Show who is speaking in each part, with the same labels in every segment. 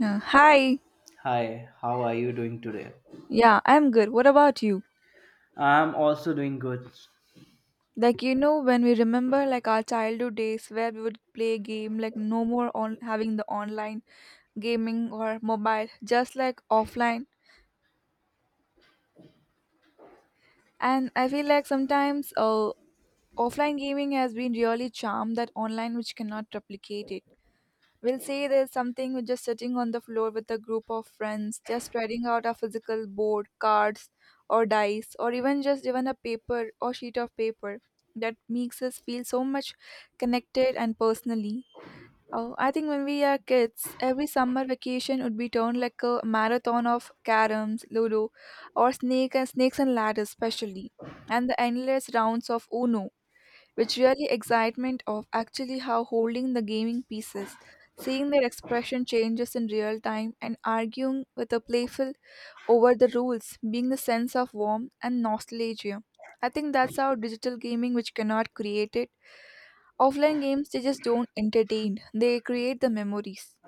Speaker 1: Hi.
Speaker 2: Hi, how are you doing today?
Speaker 1: Yeah, I'm good. What about you?
Speaker 2: I'm also doing good.
Speaker 1: When we remember like our childhood days where we would play game, like no more on having the online gaming or mobile, just like offline. And I feel like sometimes offline gaming has been really charm that online which cannot replicate it. We'll say there's something with just sitting on the floor with a group of friends, just spreading out a physical board, cards, or dice, or even just even a paper or sheet of paper that makes us feel so much connected and personally. Oh, I think when we are kids, every summer vacation would be turned like a marathon of caroms, ludo, or snakes and ladders, especially, and the endless rounds of Uno which really excitement of actually how holding the gaming pieces, seeing their expression changes in real time and arguing with a playful over the rules, being the sense of warmth and nostalgia. I think that's how digital gaming which cannot create it. Offline games they just don't entertain, they create the memories.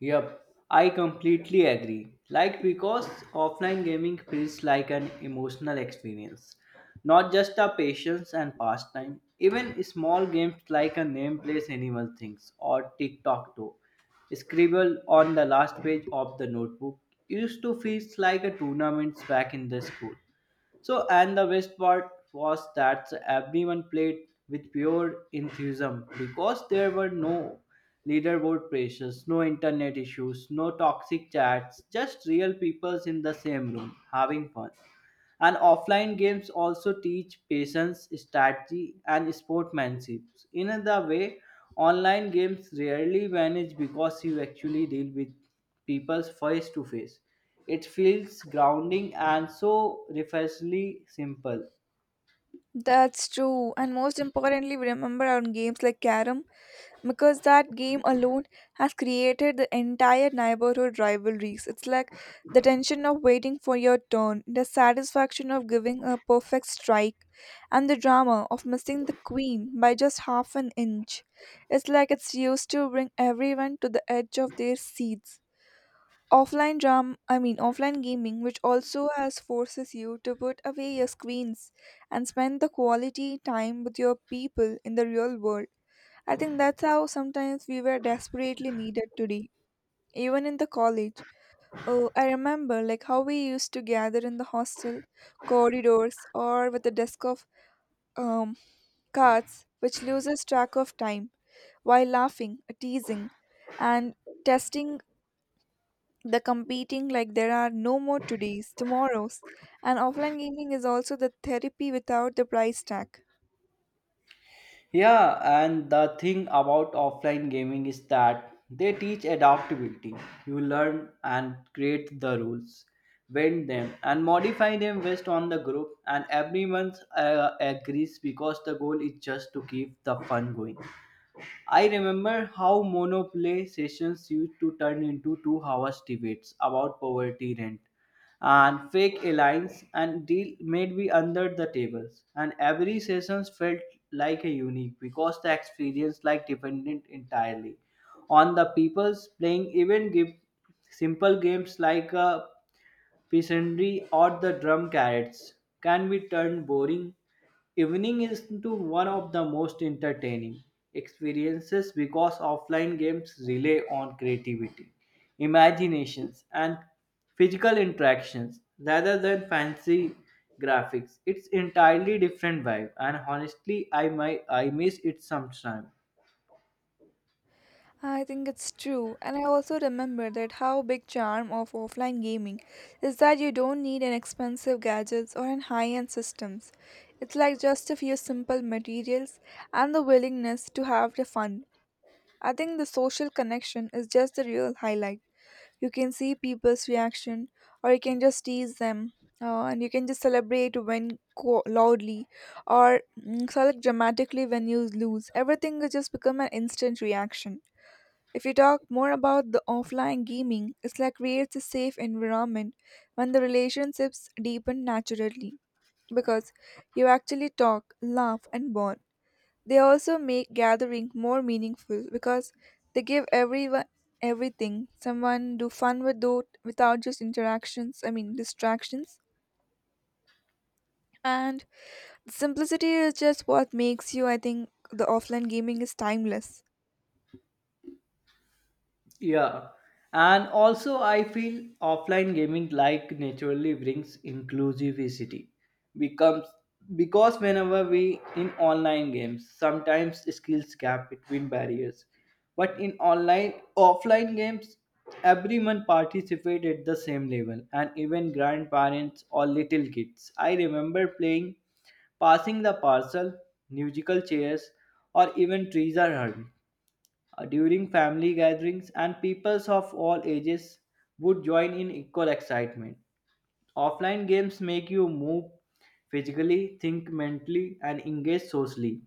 Speaker 2: Yep, I completely agree. Like, because offline gaming feels like an emotional experience, not just a patience and pastime. Even small games like a name place animal things or TikTok toe, scribble on the last page of the notebook, used to feel like a tournament back in the school. So, and the best part was that everyone played with pure enthusiasm because there were no leaderboard pressures, no internet issues, no toxic chats, just real people in the same room having fun. And offline games also teach patience, strategy, and sportsmanship. In the way, online games rarely vanish because you actually deal with people face to face. It feels grounding and so refreshingly simple.
Speaker 1: That's true. And most importantly, we remember on games like Carom because that game alone has created the entire neighborhood rivalries. It's like the tension of waiting for your turn, the satisfaction of giving a perfect strike, and the drama of missing the queen by just half an inch. It's like it's used to bring everyone to the edge of their seats. Offline drum I mean Offline gaming which also has forces you to put away your screens and spend the quality time with your people in the real world. I think that's how sometimes we were desperately needed today, even in the college. Oh, I remember like how we used to gather in the hostel corridors or with a desk of um, cards, which loses track of time while laughing, teasing, and testing the competing like there are no more todays, tomorrows, and offline gaming is also the therapy without the price tag.
Speaker 2: Yeah, and the thing about offline gaming is that they teach adaptability. You learn and create the rules, bend them, and modify them based on the group, and everyone agrees because the goal is just to keep the fun going. I remember how monopoly sessions used to turn into 2 hours debates about poverty rent and fake alliance and deal made me under the tables, and every session felt like a unique because the experience like dependent entirely on the people's playing, even give simple games like a peasantry or the drum carrots can be turned boring evening is into one of the most entertaining experiences because offline games rely on creativity, imaginations, and physical interactions rather than fancy graphics. It's entirely different vibe, and honestly, I miss it sometimes.
Speaker 1: I think it's true, and I also remember that how big charm of offline gaming is that you don't need an expensive gadgets or an high-end systems. It's like just a few simple materials and the willingness to have the fun. I think the social connection is just the real highlight. You can see people's reaction, or you can just tease them, and you can just celebrate when loudly, or select dramatically when you lose. Everything will just become an instant reaction. If you talk more about the offline gaming, it's like creates a safe environment when the relationships deepen naturally because you actually talk, laugh, and bond. They also make gathering more meaningful because they give everyone everything. Someone do fun with those without just interactions. I mean distractions. And the simplicity is just what makes you. I think the offline gaming is timeless.
Speaker 2: Yeah. And also, I feel offline gaming like naturally brings inclusivity. Becomes because whenever we in online games, sometimes skills gap between barriers. But in online offline games, everyone participate at the same level, and even grandparents or little kids. I remember playing passing the parcel, musical chairs, or even trees are heard. During family gatherings, and peoples of all ages would join in equal excitement. Offline games make you move physically, think mentally, and engage socially.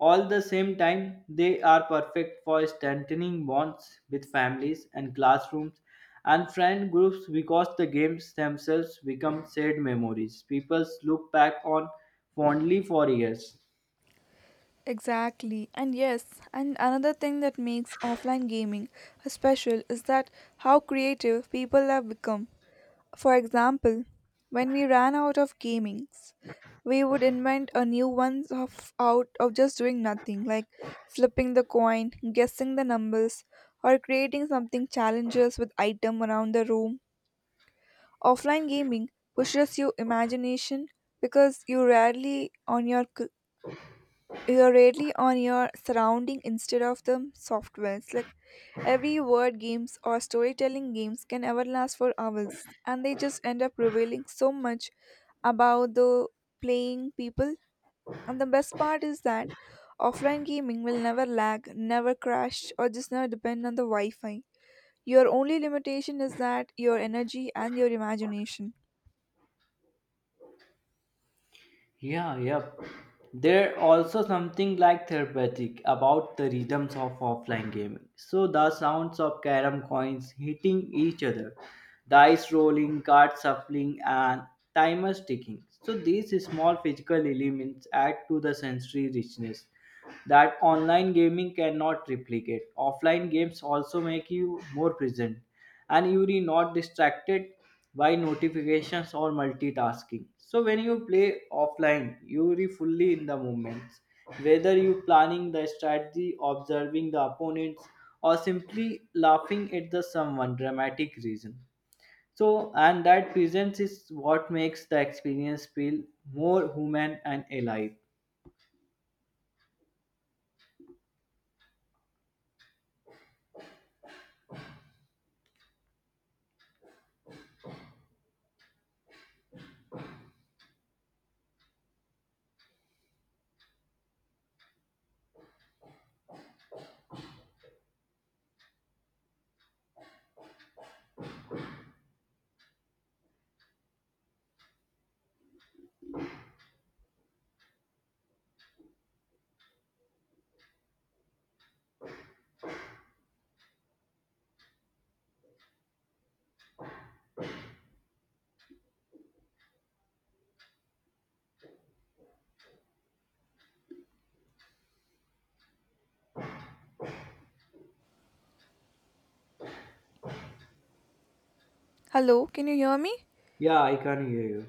Speaker 2: All the same time, they are perfect for strengthening bonds with families and classrooms and friend groups because the games themselves become shared memories people look back on fondly for years.
Speaker 1: Exactly. And yes, and another thing that makes offline gaming special is that how creative people have become. For example, when we ran out of gamings, we would invent a new one of out of just doing nothing, like flipping the coin, guessing the numbers, or creating something challenges with item around the room. Offline gaming pushes your imagination because you're really on your surrounding instead of the softwares like every word games or storytelling games can ever last for hours and they just end up revealing so much about the playing people, and the best part is that offline gaming will never lag, never crash, or just never depend on the wi-fi. Your only limitation is that your energy and your imagination.
Speaker 2: Yeah, yep. There also something like therapeutic about the rhythms of offline gaming. So the sounds of carom coins hitting each other, dice rolling, card shuffling, and timers ticking. So these small physical elements add to the sensory richness that online gaming cannot replicate. Offline games also make you more present, and you are not distracted by notifications or multitasking, so when you play offline you are fully in the moments, whether you planning the strategy, observing the opponents, or simply laughing at the someone dramatic reason. So and that presence is what makes the experience feel more human and alive.
Speaker 1: Hello, can you hear me?
Speaker 2: Yeah, I can hear you.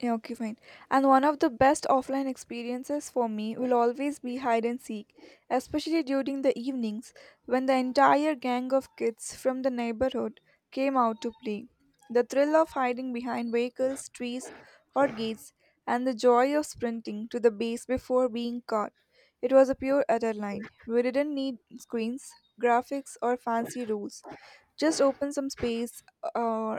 Speaker 1: Yeah, okay, fine. And one of the best offline experiences for me will always be hide and seek, especially during the evenings when the entire gang of kids from the neighborhood came out to play. The thrill of hiding behind vehicles, trees, or gates, and the joy of sprinting to the base before being caught. It was a pure adrenaline. We didn't need screens, graphics, or fancy rules. Just open some space, uh,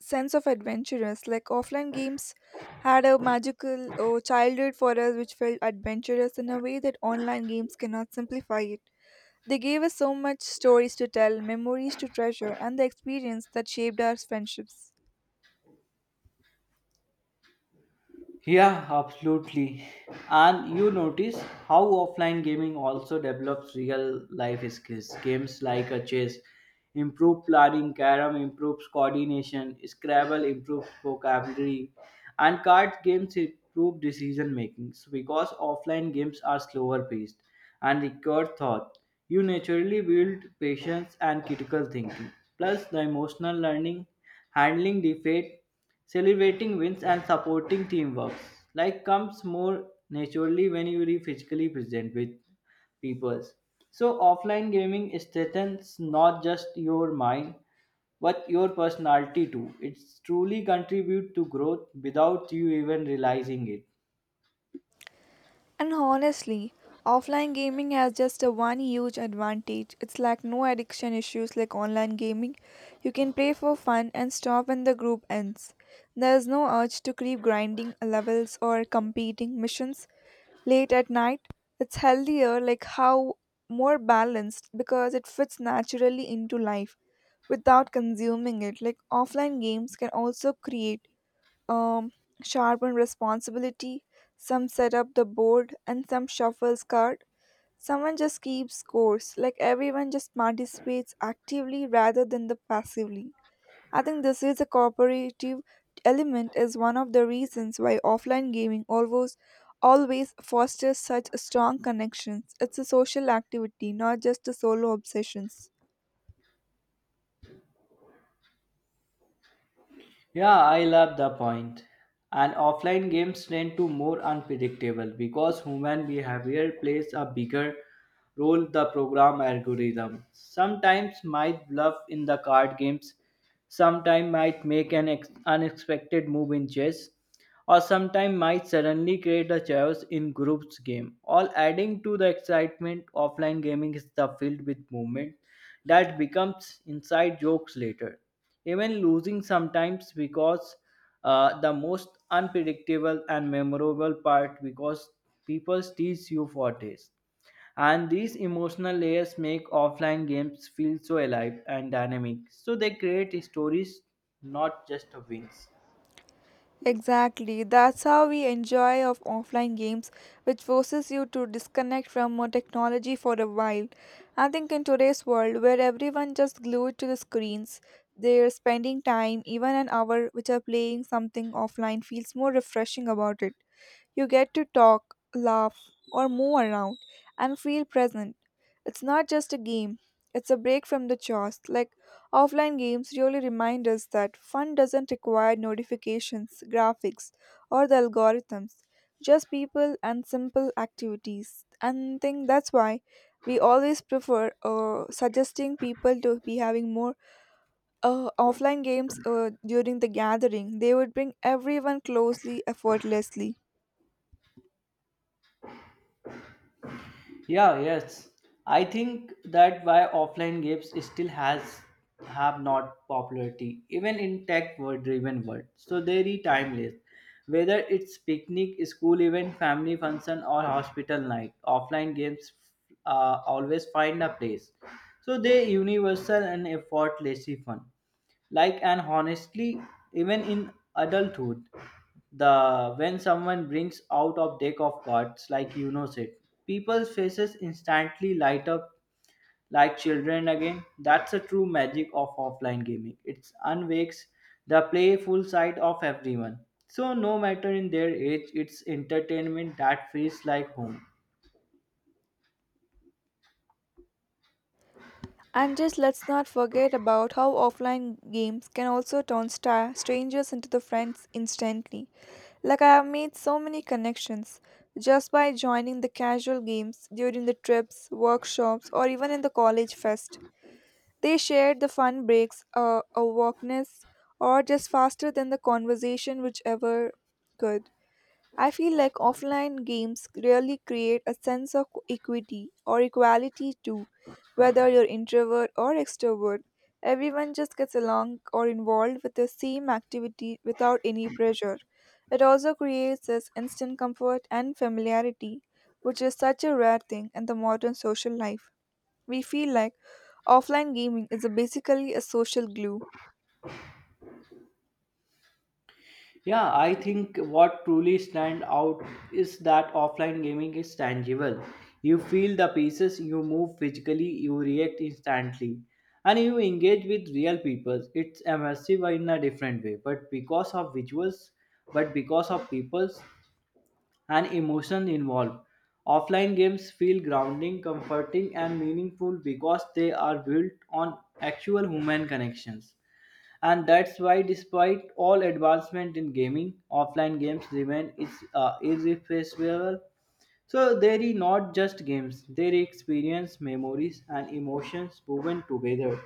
Speaker 1: sense of adventurous. Like offline games had a magical childhood for us, which felt adventurous in a way that online games cannot simplify it. They gave us so much stories to tell, memories to treasure, and the experience that shaped our friendships.
Speaker 2: Yeah, absolutely. And you notice how offline gaming also develops real life skills. Games like a chess improve planning, carom improves coordination, Scrabble improves vocabulary, and card games improve decision making. So because offline games are slower paced and require thought, you naturally build patience and critical thinking. Plus, the emotional learning, handling defeat, celebrating wins, and supporting teamwork. Like comes more naturally when you are physically present with people. So offline gaming strengthens not just your mind but your personality too. It's truly contribute to growth without you even realizing it.
Speaker 1: And honestly, offline gaming has just a one huge advantage. It's like no addiction issues like online gaming. You can play for fun and stop when the group ends. There is no urge to keep grinding levels or competing missions late at night. It's healthier, like how more balanced because it fits naturally into life without consuming it. Like offline games can also create um sharpen responsibility. Some set up the board and some shuffles card. Someone just keeps scores. Like everyone just participates actively rather than the passively. I think this is a cooperative element is one of the reasons why offline gaming always fosters such strong connections. It's a social activity, not just a solo obsessions.
Speaker 2: Yeah, I love the point. And offline games tend to more unpredictable because human behavior plays a bigger role the program algorithm. Sometimes might bluff in the card games, sometimes might make an unexpected move in chess, or sometimes might suddenly create a chaos in groups game. All adding to the excitement, offline gaming is the field with movement that becomes inside jokes later. Even losing sometimes because the most unpredictable and memorable part because people tease you for days. And these emotional layers make offline games feel so alive and dynamic. So they create stories, not just wins.
Speaker 1: Exactly. That's how we enjoy of offline games, which forces you to disconnect from technology for a while. I think in today's world, where everyone just glued to the screens, they're spending time, even an hour, which are playing something offline feels more refreshing about it. You get to talk, laugh, or move around and feel present. It's not just a game, it's a break from the chores, like offline games really remind us that fun doesn't require notifications, graphics, or the algorithms, just people and simple activities. And I think that's why we always prefer suggesting people to be having more offline games during the gathering. They would bring everyone closely, effortlessly.
Speaker 2: Yeah, yes. I think that why offline games still has have not popularity even in tech world driven world. So they are timeless. Whether it's picnic, school event, family function or hospital night, offline games always find a place. So they universal and effortlessly fun, like, and honestly, even in adulthood, the when someone brings out of deck of cards, like said people's faces instantly light up like children again. That's the true magic of offline gaming. It unwakes the playful side of everyone. So no matter in their age, it's entertainment that feels like home.
Speaker 1: And just let's not forget about how offline games can also turn strangers into the friends instantly. Like I have made so many connections just by joining the casual games during the trips, workshops, or even in the college fest. They shared the fun breaks, a walkness, or just faster than the conversation, whichever could. I feel like offline games really create a sense of equity or equality too. Whether you're introvert or extrovert, everyone just gets along or involved with the same activity without any pressure. It also creates this instant comfort and familiarity, which is such a rare thing in the modern social life. We feel like offline gaming is a basically a social glue.
Speaker 2: Yeah, I think what truly stand out is that offline gaming is tangible. You feel the pieces, you move physically, you react instantly, and you engage with real people. It's immersive in a different way, but because of visuals, but because of peoples and emotion involved. Offline games feel grounding, comforting, and meaningful because they are built on actual human connections, and that's why despite all advancement in gaming, offline games remain is irreplaceable. So they are not just games, they are experience memories and emotions woven together.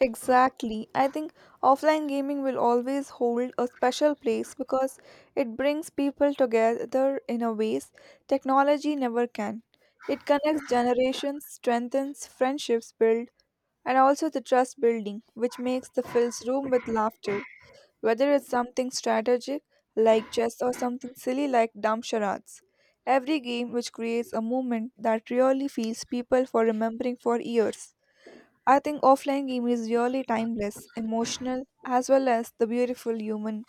Speaker 1: Exactly. I think offline gaming will always hold a special place because it brings people together in a ways technology never can. It connects generations, strengthens friendships build, and also the trust building, which makes the fills room with laughter, whether it's something strategic like chess or something silly like dumb charades. Every game which creates a moment that really feels people for remembering for years. I think offline game is really timeless, emotional, as well as the beautiful human.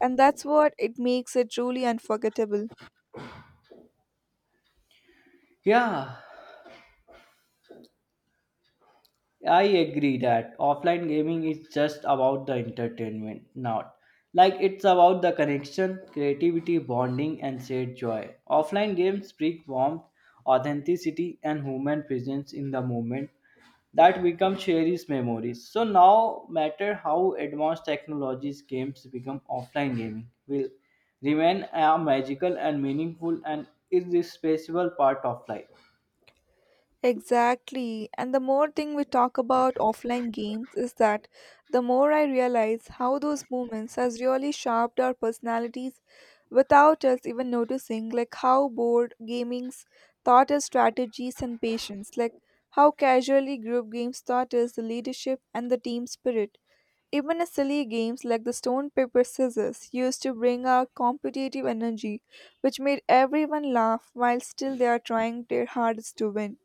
Speaker 1: And that's what it makes it truly unforgettable.
Speaker 2: Yeah, I agree that offline gaming is just about the entertainment, not like it's about the connection, creativity, bonding, and shared joy. Offline games bring warmth, authenticity, and human presence in the moment that become cherished memories. So now, matter how advanced technologies games become, offline gaming will remain a magical and meaningful and irreplaceable part of life.
Speaker 1: Exactly. And the more thing we talk about offline games is that the more I realize how those moments has really shaped our personalities without us even noticing, like how board gamings taught us strategies and patience, like how casually group games taught us the leadership and the team spirit. Even silly games like the stone, paper, scissors used to bring out competitive energy, which made everyone laugh while still they are trying their hardest to win.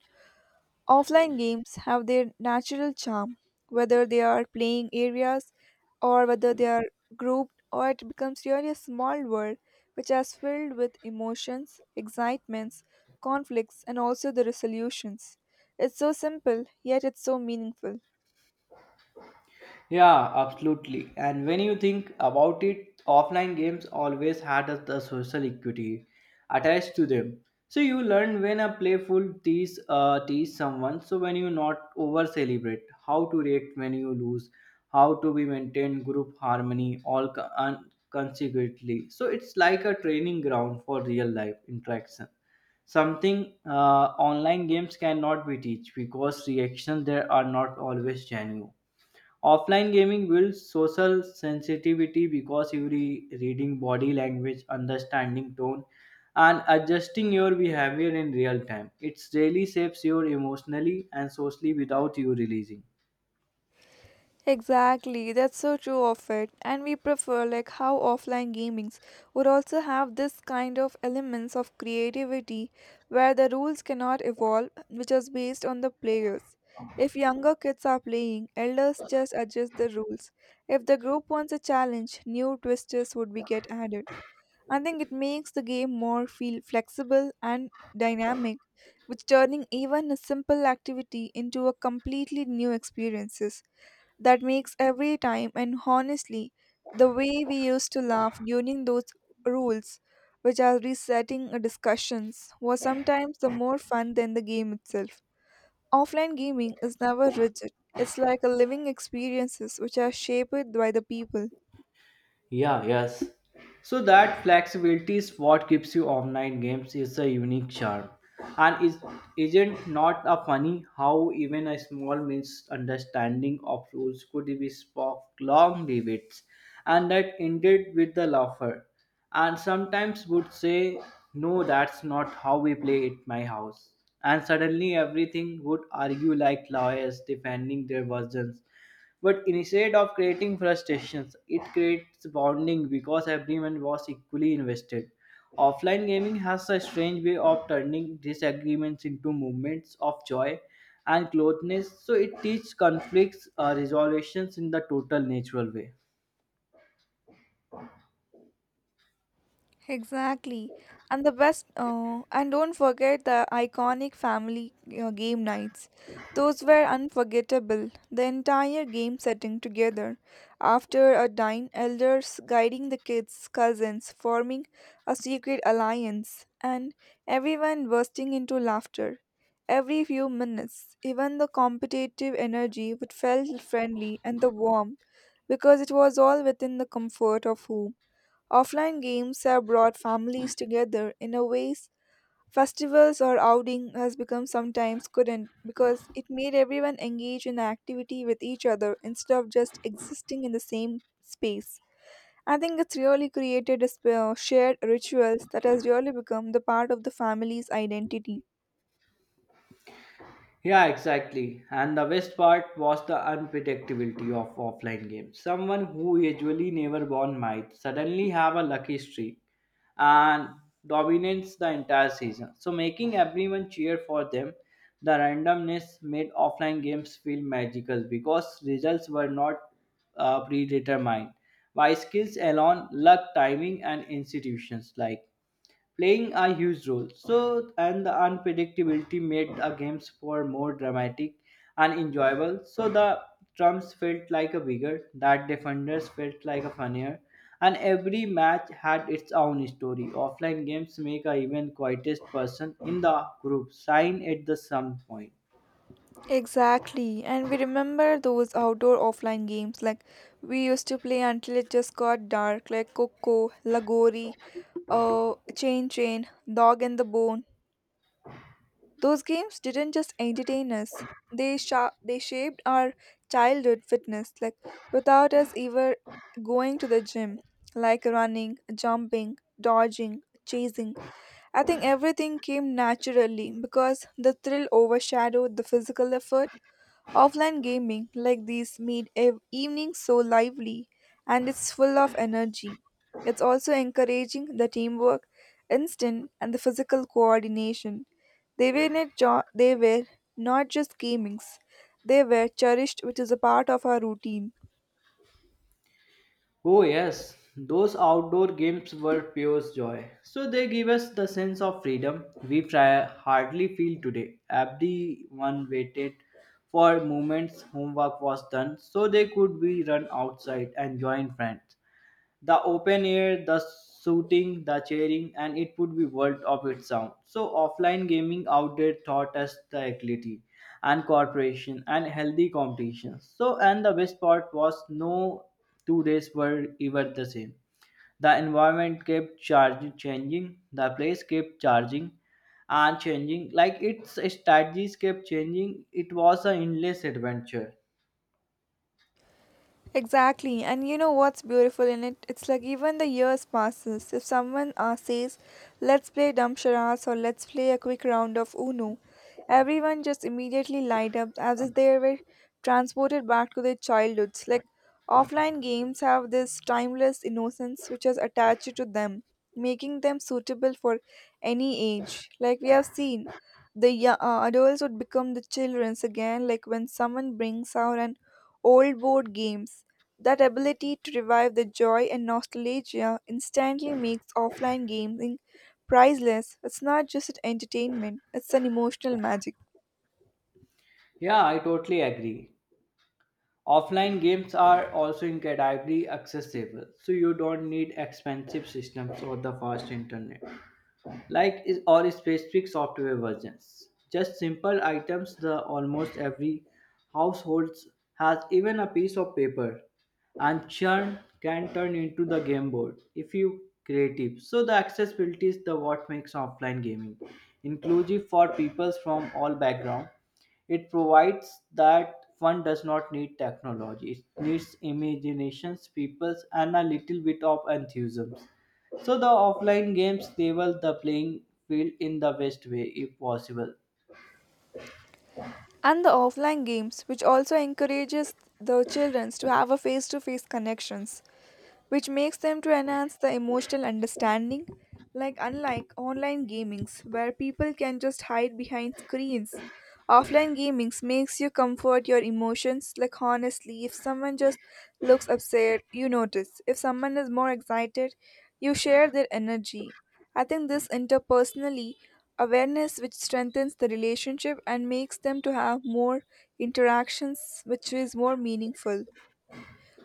Speaker 1: Offline games have their natural charm, whether they are playing areas or whether they are grouped, or it becomes really a small world which is filled with emotions, excitements, conflicts, and also the resolutions. It's so simple, yet it's so meaningful.
Speaker 2: Yeah, absolutely. And when you think about it, offline games always had the social equity attached to them. So you learn when a playful tease tease someone. So when you not over celebrate, how to react when you lose, how to be maintain group harmony, all consequently. So it's like a training ground for real life interaction, something online games cannot be teach because reactions there are not always genuine. Offline gaming builds social sensitivity because you reading body language, understanding tone, and adjusting your behavior in real time. It really shapes your emotionally and socially without you releasing.
Speaker 1: Exactly, that's so true of it. And we prefer like how offline gamings would also have this kind of elements of creativity where the rules cannot evolve, which is based on the players. If younger kids are playing, elders just adjust the rules. If the group wants a challenge, new twisters would be get added. I think it makes the game more feel flexible and dynamic, which turning even a simple activity into a completely new experiences that makes every time. And honestly, the way we used to laugh during those rules which are resetting discussions was sometimes the more fun than the game itself. Offline gaming is never rigid, it's like a living experiences which are shaped by the people.
Speaker 2: Yeah, yes. So that flexibility is what gives you online games is a unique charm. And is isn't not a funny how even a small misunderstanding of rules could be spark long debates and that ended with the laughter. And sometimes would say, "No, that's not how we play at my house." And suddenly everything would argue like lawyers defending their versions, but instead of creating frustrations, it creates bonding because everyone was equally invested. Offline gaming has a strange way of turning disagreements into moments of joy and closeness, so it teaches conflicts resolutions in the total natural way.
Speaker 1: Exactly. And don't forget the iconic family game nights. Those were unforgettable. The entire game setting together. After a dine, elders guiding the kids, cousins forming a secret alliance, and everyone bursting into laughter. Every few minutes, even the competitive energy would felt friendly and the warmth because it was all within the comfort of home. Offline games have brought families together in a ways festivals or outing has become sometimes couldn't because it made everyone engage in activity with each other instead of just existing in the same space. I think it's really created a shared rituals that has really become the part of the family's identity.
Speaker 2: Yeah, exactly. And the best part was the unpredictability of offline games. Someone who usually never won might suddenly have a lucky streak and dominates the entire season. So, making everyone cheer for them, the randomness made offline games feel magical because results were not predetermined by skills alone, luck, timing, and institutions like playing a huge role. So, and the unpredictability made the games for more dramatic and enjoyable. So the drums felt like a bigger, that defenders felt like a funnier, and every match had its own story. Offline games make a even quietest person in the group sign at the some point.
Speaker 1: Exactly, and we remember those outdoor offline games like we used to play until it just got dark, like Coco, Lagori, Chain Chain, Dog and the Bone. Those games didn't just entertain us; they shaped our childhood fitness, like without us ever going to the gym, like running, jumping, dodging, chasing. I think everything came naturally because the thrill overshadowed the physical effort. Offline gaming like these made evenings so lively and it's full of energy. It's also encouraging the teamwork, instinct, and the physical coordination. They were not just gamings, they were cherished, which is a part of our routine.
Speaker 2: Oh, yes, those outdoor games were pure joy. So they give us the sense of freedom we try, hardly feel today. Everyone waited for moments homework was done so they could be run outside and join friends the open air, the shooting, the cheering, and it would be world of its own. So offline gaming out there taught us the agility and cooperation and healthy competition. So and the best part was no 2 days were ever the same. The environment kept charging, changing. The place kept charging and changing. Like its strategies kept changing. It was an endless adventure.
Speaker 1: Exactly, and you know what's beautiful in it? It's like even the years passes. If someone says, "Let's play dumb charades" or "Let's play a quick round of Uno," everyone just immediately light up as if they were transported back to their childhoods. Like offline games have this timeless innocence which is attached to them, making them suitable for any age. Like we have seen, the adults would become the childrens again. Like when someone brings out an old board games. That ability to revive the joy and nostalgia instantly makes offline gaming priceless. It's not just an entertainment, it's an emotional magic.
Speaker 2: Yeah, I totally agree. Offline games are also incredibly accessible, so you don't need expensive systems or the fast internet like is or specific software versions. Just simple items the almost every households has, even a piece of paper and churn can turn into the game board if you creative. So the accessibility is the what makes offline gaming inclusive for people from all background. It provides that one does not need technology. It needs imaginations, peoples and a little bit of enthusiasm. So the offline games level the playing field in the best way if possible.
Speaker 1: And the offline games, which also encourages the children to have a face-to-face connections, which makes them to enhance the emotional understanding, like unlike online gamings where people can just hide behind screens, offline gamings makes you comfort your emotions, like honestly if someone just looks upset you notice, if someone is more excited you share their energy. I think this interpersonally awareness which strengthens the relationship and makes them to have more interactions which is more meaningful.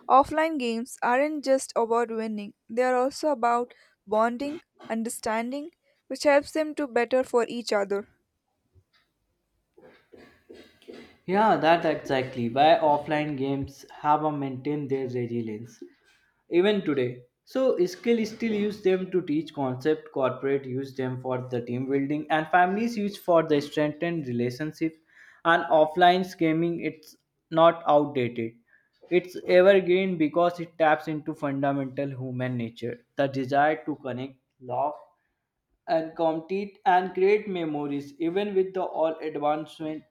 Speaker 1: Offline games aren't just about winning, they are also about bonding, understanding, which helps them to better for each other.
Speaker 2: Yeah, that exactly why offline games have a maintained their resilience even today. So skill still use them to teach concept, corporate use them for the team building, and families use for the strengthened relationship. And offline gaming it's not outdated. It's evergreen because it taps into fundamental human nature, the desire to connect, love and compete and create memories. Even with the all advancement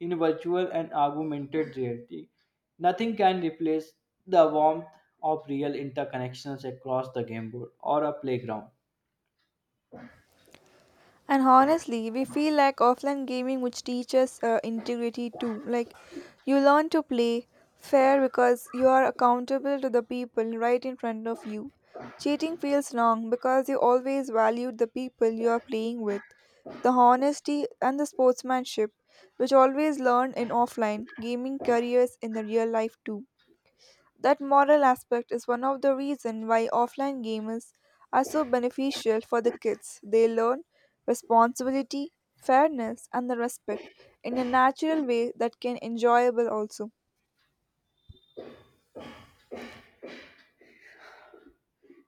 Speaker 2: in virtual and augmented reality, nothing can replace the warmth of real interconnections across the game board or a playground.
Speaker 1: And honestly, we feel like offline gaming which teaches integrity too. Like you learn to play fair because you are accountable to the people right in front of you. Cheating feels wrong because you always valued the people you are playing with, the honesty and the sportsmanship, which always learned in offline gaming careers in the real life too. That moral aspect is one of the reasons why offline games are so beneficial for the kids. They learn responsibility, fairness, and the respect in a natural way that can enjoyable also.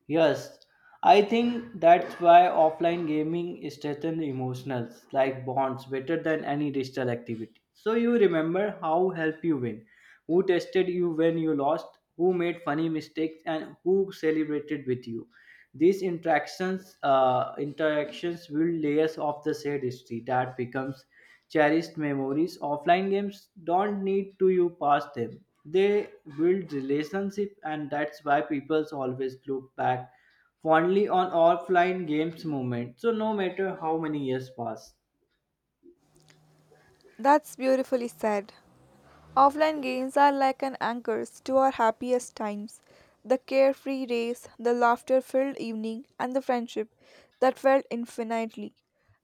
Speaker 2: Yes, I think that's why offline gaming strengthens emotions like bonds better than any digital activity. So you remember how help you win, who tested you when you lost, who made funny mistakes, and who celebrated with you. These interactions build layers of the shared history that becomes cherished memories. Offline games don't need to you pass them. They build relationship, and that's why people always look back fondly on offline games moment. So no matter how many years pass.
Speaker 1: That's beautifully said. Offline games are like an anchors to our happiest times. The carefree days, the laughter filled evening, and the friendship that felt infinitely.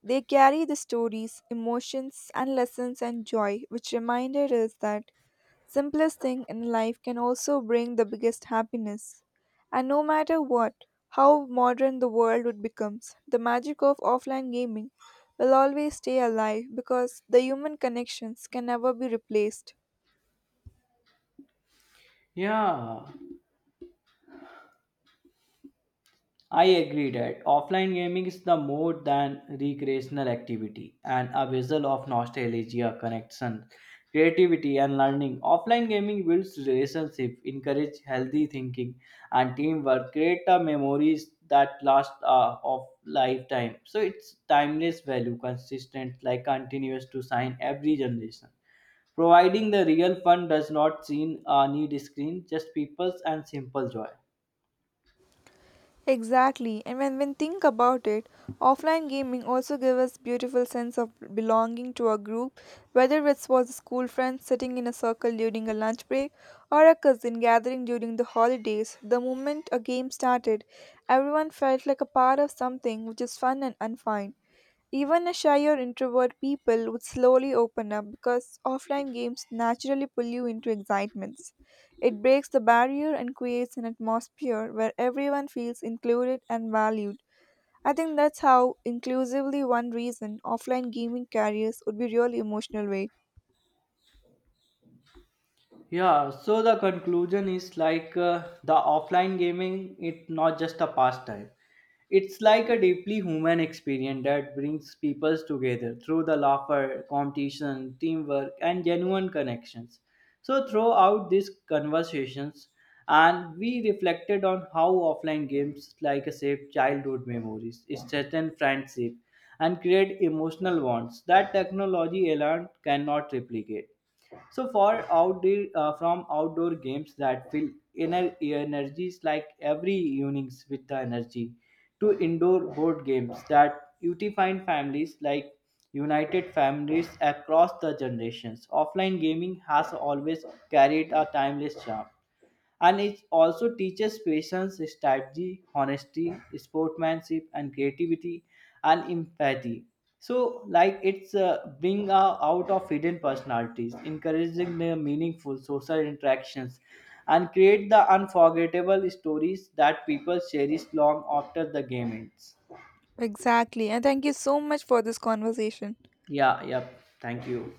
Speaker 1: They carry the stories, emotions, and lessons and joy, which reminded us that simplest thing in life can also bring the biggest happiness. And no matter what, how modern the world would becomes, the magic of offline gaming will always stay alive because the human connections can never be replaced.
Speaker 2: Yeah. I agree that offline gaming is the more than recreational activity and a vessel of nostalgia, connection, creativity, and learning. Offline gaming builds relationship, encourage healthy thinking and teamwork, create a memories that last of lifetime. So it's timeless value, consistent, like continuous to sign every generation. Providing the real fun does not seem need screen, just peoples and simple joy.
Speaker 1: Exactly, and when we think about it, offline gaming also gives us beautiful sense of belonging to a group, whether it was school friends sitting in a circle during a lunch break or a cousin gathering during the holidays. The moment a game started, everyone felt like a part of something which is fun and unfine. Even a shy or introvert people would slowly open up because offline games naturally pull you into excitements. It breaks the barrier and creates an atmosphere where everyone feels included and valued. I think that's how inclusively one reason offline gaming carriers would be really emotional way.
Speaker 2: Yeah, so the conclusion is like the offline gaming, it's not just a pastime. It's like a deeply human experience that brings people together through the laughter, competition, teamwork, and genuine connections. So, throughout these conversations, and we reflected on how offline games like shape childhood memories, strengthen friendship, and create emotional bonds that technology alone cannot replicate. So for outdoor from outdoor games that fill inner energies like every evenings with the energy to indoor board games that unify families like united families across the generations. Offline gaming has always carried a timeless charm, and it also teaches patience, strategy, honesty, sportsmanship, and creativity and empathy. So, like it's bring out of hidden personalities, encouraging the meaningful social interactions, and create the unforgettable stories that people cherish long after the game ends.
Speaker 1: Exactly. And thank you so much for this conversation.
Speaker 2: Yeah, yep. Thank you.